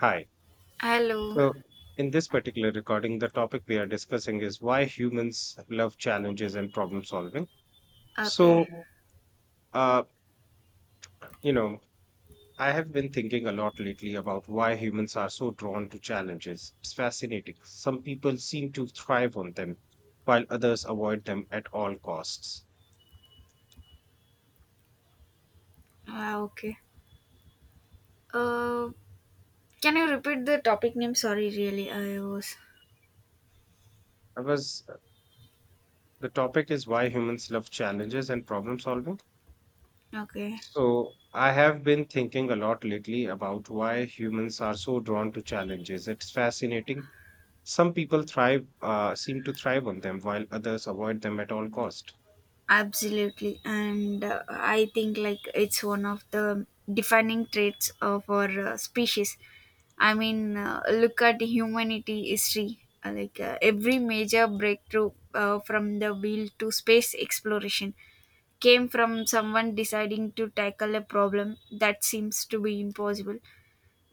Hi. Hello. So, In this particular recording, the topic we are discussing is why humans love challenges and problem solving. Okay. So, uh, you know, I have been thinking a lot lately about why humans are so drawn to challenges. It's fascinating. Some people seem to thrive on them, while others avoid them at all costs. Ah, okay. Uh, can you repeat the topic name? Sorry, really, I was. I was, uh, the topic is why humans love challenges and problem solving. Okay. So, I have been thinking a lot lately about why humans are so drawn to challenges. It's fascinating. Seem to thrive on them, while others avoid them at all cost. Absolutely. And I think like it's one of the defining traits of our species. I mean, look at humanity history. Every major breakthrough from the wheel to space exploration came from someone deciding to tackle a problem that seems to be impossible,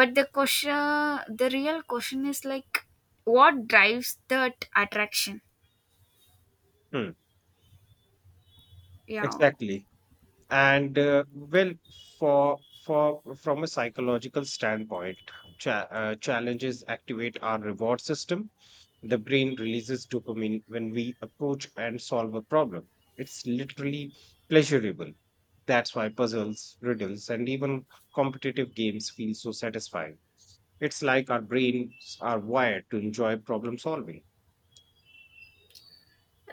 but the real question is like what drives that attraction. Hmm. Yeah. Exactly. and well for from a psychological standpoint, challenges activate our reward system. The brain releases dopamine when we approach and solve a problem. It's literally pleasurable. That's why puzzles, riddles, and even competitive games feel so satisfying. It's like our brains are wired to enjoy problem solving.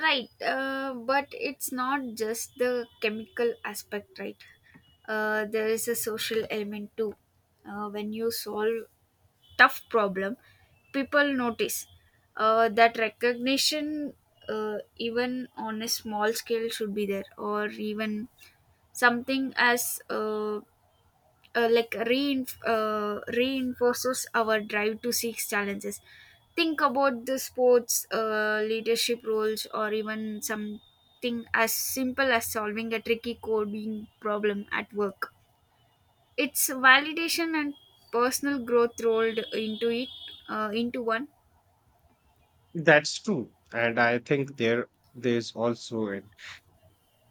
Right, but it's not just the chemical aspect, right. There is a social element too. When you solve tough problem, people notice. That recognition even on a small scale should be there, or even something as like reinforces our drive to seek challenges. Think about the sports, leadership roles, or even something as simple as solving a tricky coding problem at work. It's validation and personal growth rolled into it, into one. That's true, and I think there's also a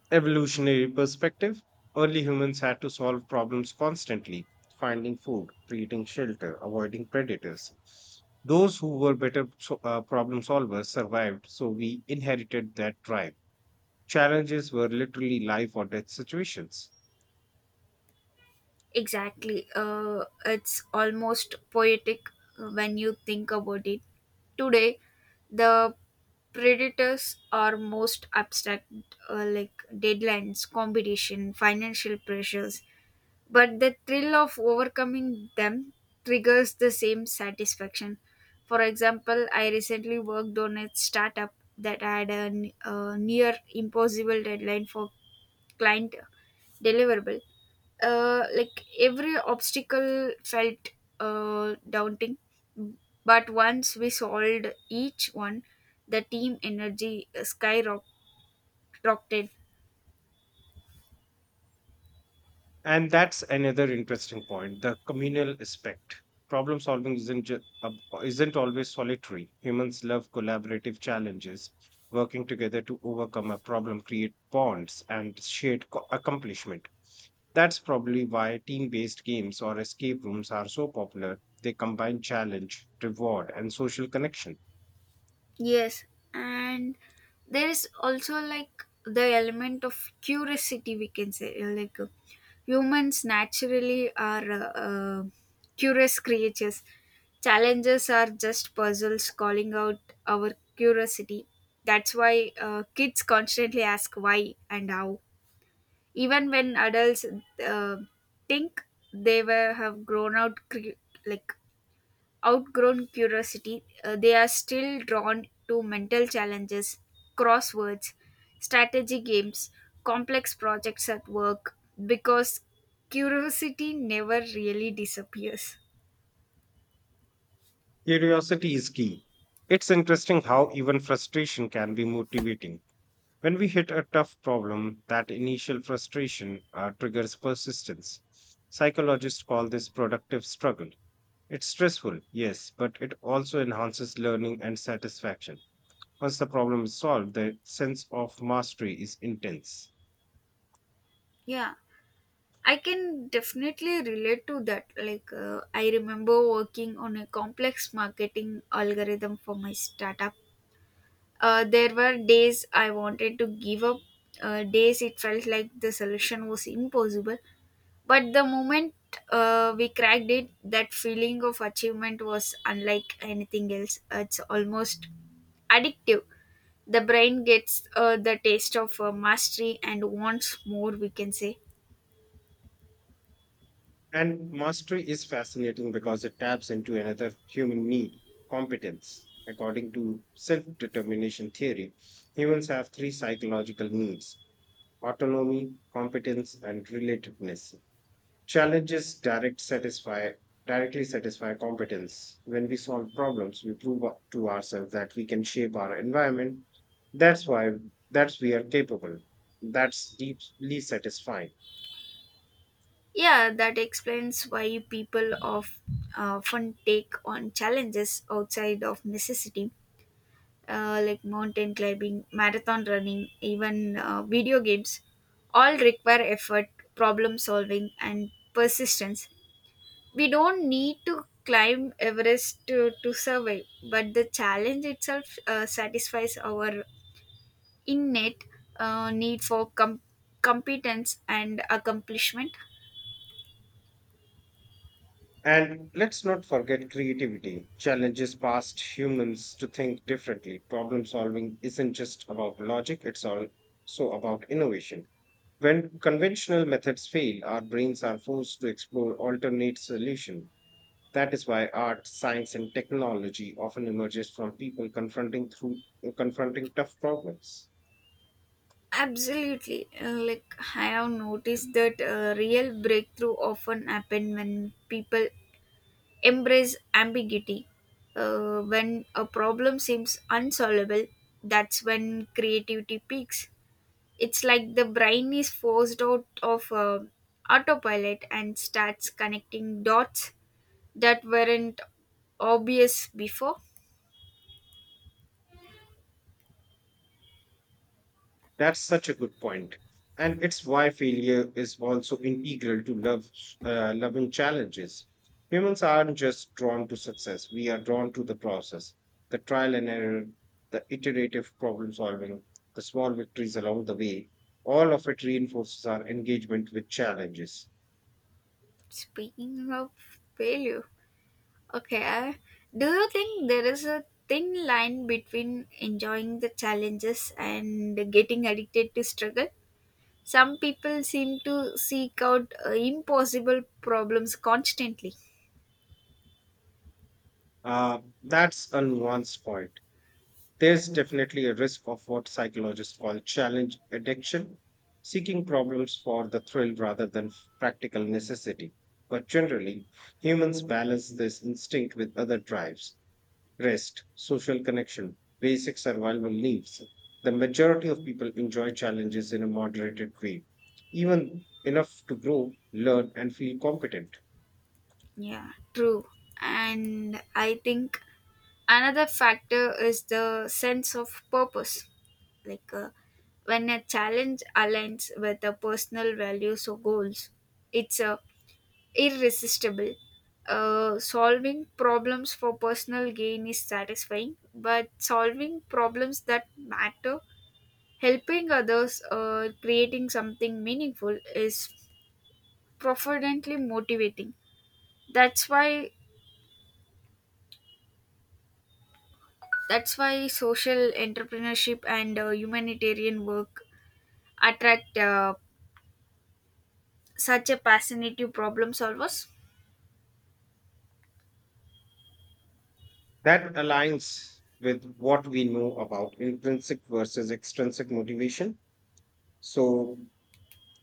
evolutionary perspective. Early humans had to solve problems constantly, finding food, creating shelter, avoiding predators. Those who were better so- problem solvers survived, so we inherited that drive. Challenges were literally life or death situations. Exactly. It's almost poetic when you think about it. Today, the predators are most abstract, like deadlines, competition, financial pressures. But the thrill of overcoming them triggers the same satisfaction. For example, I recently worked on a startup that had a, a near impossible deadline for client deliverable. Like every obstacle felt daunting, but once we solved each one, the team energy skyrocketed. And that's another interesting point, the communal aspect. Problem solving isn't, ju- ab- isn't always solitary. Humans love collaborative challenges. Working together to overcome a problem, create bonds, and shared accomplishment. That's probably why team based games or escape rooms are so popular. They combine challenge, reward, and social connection. Yes, and there is also like the element of curiosity, we can say. Humans naturally are curious creatures. Challenges are just puzzles calling out our curiosity. That's why kids constantly ask why and how. Even when adults uh, think they were have grown out cre- like outgrown curiosity, they are still drawn to mental challenges, crosswords, strategy games, complex projects at work, because curiosity never really disappears. Curiosity is key. It's interesting how even frustration can be motivating. When we hit a tough problem, that initial frustration triggers persistence. Psychologists call this productive struggle. It's stressful, yes, but it also enhances learning and satisfaction. Once the problem is solved, the sense of mastery is intense. Yeah, I can definitely relate to that. Like, I remember working on a complex marketing algorithm for my startup. There were days I wanted to give up, days it felt like the solution was impossible. But the moment we cracked it, that feeling of achievement was unlike anything else. It's almost addictive. The brain gets the taste of mastery and wants more, we can say. And mastery is fascinating because it taps into another human need, competence. According to self determination theory, humans have three psychological needs: autonomy, competence, and relatedness. Challenges directly satisfy competence. When we solve problems, we prove to ourselves that we can shape our environment. That's why that's We are capable. That's deeply satisfying. Yeah, that explains why people of fun take on challenges outside of necessity, like mountain climbing, marathon running, even video games, all require effort, problem solving, and persistence. We don't need to climb Everest to survive, but the challenge itself satisfies our innate need for competence and accomplishment. And let's not forget creativity. Challenges past humans to think differently. Problem solving isn't just about logic, it's also about innovation. When conventional methods fail, our brains are forced to explore alternate solutions. That is why art, science, and technology often emerges from people confronting tough problems. Absolutely. Like I have noticed that real breakthrough often happen when people embrace ambiguity. When a problem seems unsolvable, that's when creativity peaks. It's like the brain is forced out of autopilot and starts connecting dots that weren't obvious before. That's such a good point. And it's why failure is also integral to loving challenges. Humans aren't just drawn to success, we are drawn to the process, the trial and error, the iterative problem solving, the small victories along the way. All of it reinforces our engagement with challenges. Speaking of failure, okay, do you think there is a thin line between enjoying the challenges and getting addicted to struggle? Some people seem to seek out impossible problems constantly. That's a nuanced point. There's definitely a risk of what psychologists call challenge addiction, seeking problems for the thrill rather than practical necessity. But generally, humans balance this instinct with other drives: rest, social connection, basic survival needs. The majority of people enjoy challenges in a moderated way, even enough to grow, learn, and feel competent. Yeah, true. And I think another factor is the sense of purpose, like when a challenge aligns with the personal values or goals, it's irresistible. Solving problems for personal gain is satisfying, but solving problems that matter, helping others, creating something meaningful, is profoundly motivating. That's why that's why social entrepreneurship and humanitarian work attract such a passionate problem solvers. That aligns with what we know about intrinsic versus extrinsic motivation. So,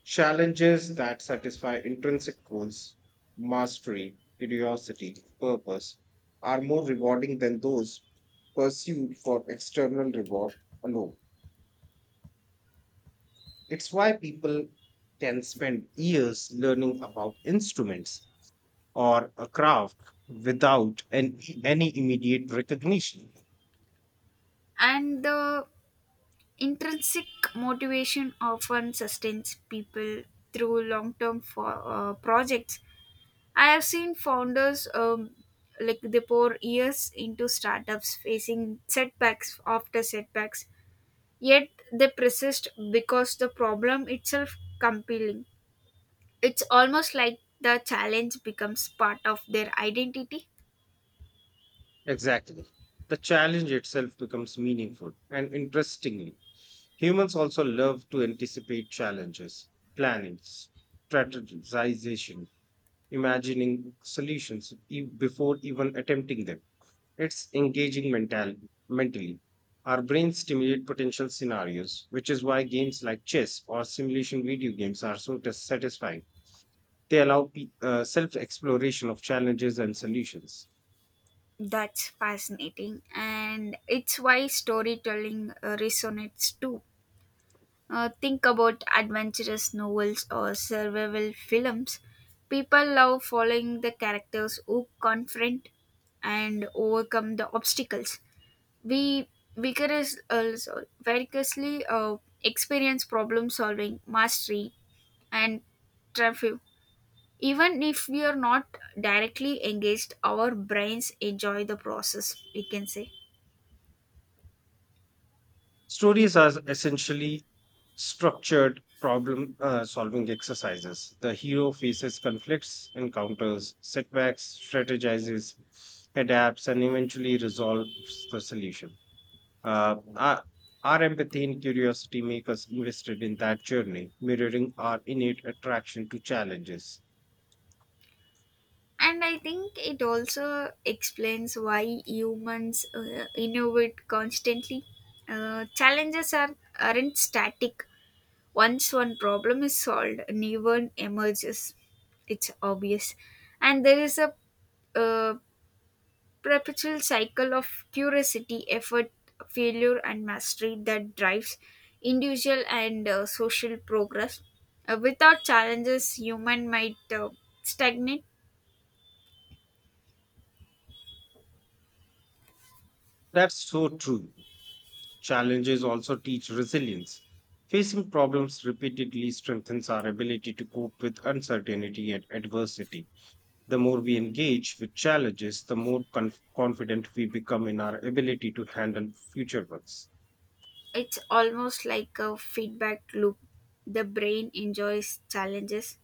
challenges that satisfy intrinsic goals, mastery, curiosity, purpose, are more rewarding than those pursued for external reward alone. It's why people can spend years learning about instruments or a craft without any immediate recognition. And the intrinsic motivation often sustains people through long-term projects. I have seen founders like they pour years into startups facing setbacks after setbacks, yet they persist because the problem itself compelling. It's almost like the challenge becomes part of their identity. Exactly. The challenge itself becomes meaningful and interestingly. Humans also love to anticipate challenges, planning, strategization, imagining solutions before even attempting them. It's engaging mentally. Our brains stimulate potential scenarios, which is why games like chess or simulation video games are so satisfying. They allow self exploration of challenges and solutions. That's fascinating, and it's why storytelling resonates too. Think about adventurous novels or survival films. People love following the characters who confront and overcome the obstacles. We also vigorously experience problem solving, mastery, and triumph. Even if we are not directly engaged, our brains enjoy the process. We can say. Stories are essentially structured problem solving exercises. The hero faces conflicts, encounters setbacks, strategizes, adapts, and eventually resolves the solution. Uh, our, our empathy and curiosity make us invested in that journey, mirroring our innate attraction to challenges. And I think it also explains why humans innovate constantly. Challenges aren't static. Once one problem is solved, a new one emerges. It's obvious. And there is a uh, perpetual cycle of curiosity, effort, failure, and mastery that drives individual and social progress. Without challenges, human might stagnate. That's so true. Challenges also teach resilience. Facing problems repeatedly strengthens our ability to cope with uncertainty and adversity. The more we engage with challenges, the more confident we become in our ability to handle future ones. It's almost like a feedback loop. The brain enjoys challenges,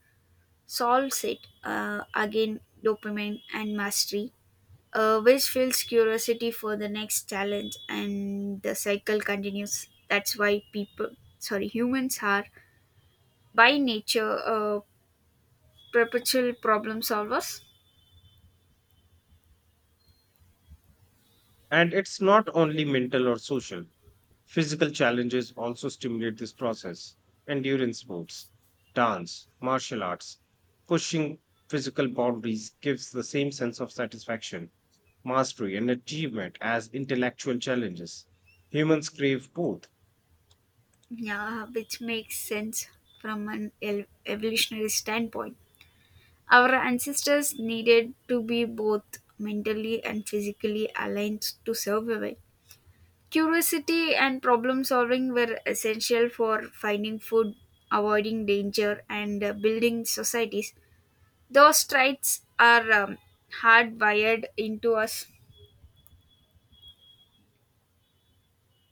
solves it, again, dopamine and mastery, which fuels curiosity for the next challenge, and the cycle continues. That's why people, sorry, humans are by nature perpetual problem solvers. And it's not only mental or social, physical challenges also stimulate this process. Endurance sports, dance, martial arts, pushing physical boundaries gives the same sense of satisfaction, mastery, and achievement as intellectual challenges. Humans crave both. Yeah, which makes sense from an evolutionary standpoint. Our ancestors needed to be both mentally and physically aligned to survive. Curiosity and problem solving were essential for finding food, avoiding danger, and building societies. Those traits are hardwired into us.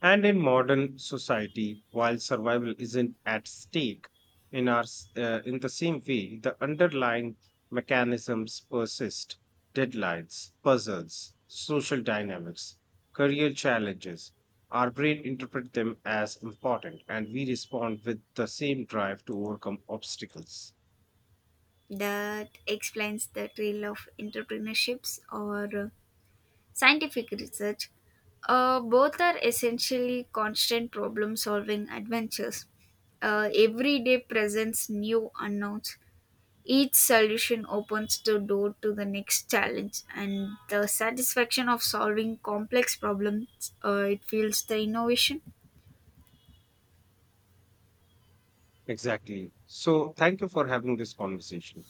And in modern society, while survival isn't at stake in the same way, the underlying mechanisms persist: deadlines, puzzles, social dynamics, career challenges. Our brain interpret them as important, and we respond with the same drive to overcome obstacles. That explains the trail of entrepreneurships or scientific research. Both are essentially constant problem solving adventures. Every day presents new unknowns. Each solution opens the door to the next challenge, and the satisfaction of solving complex problems, it fuels the innovation. Exactly. So, thank you for having this conversation.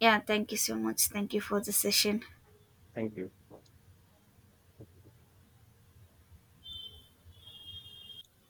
Yeah, thank you so much. Thank you for the session. Thank you.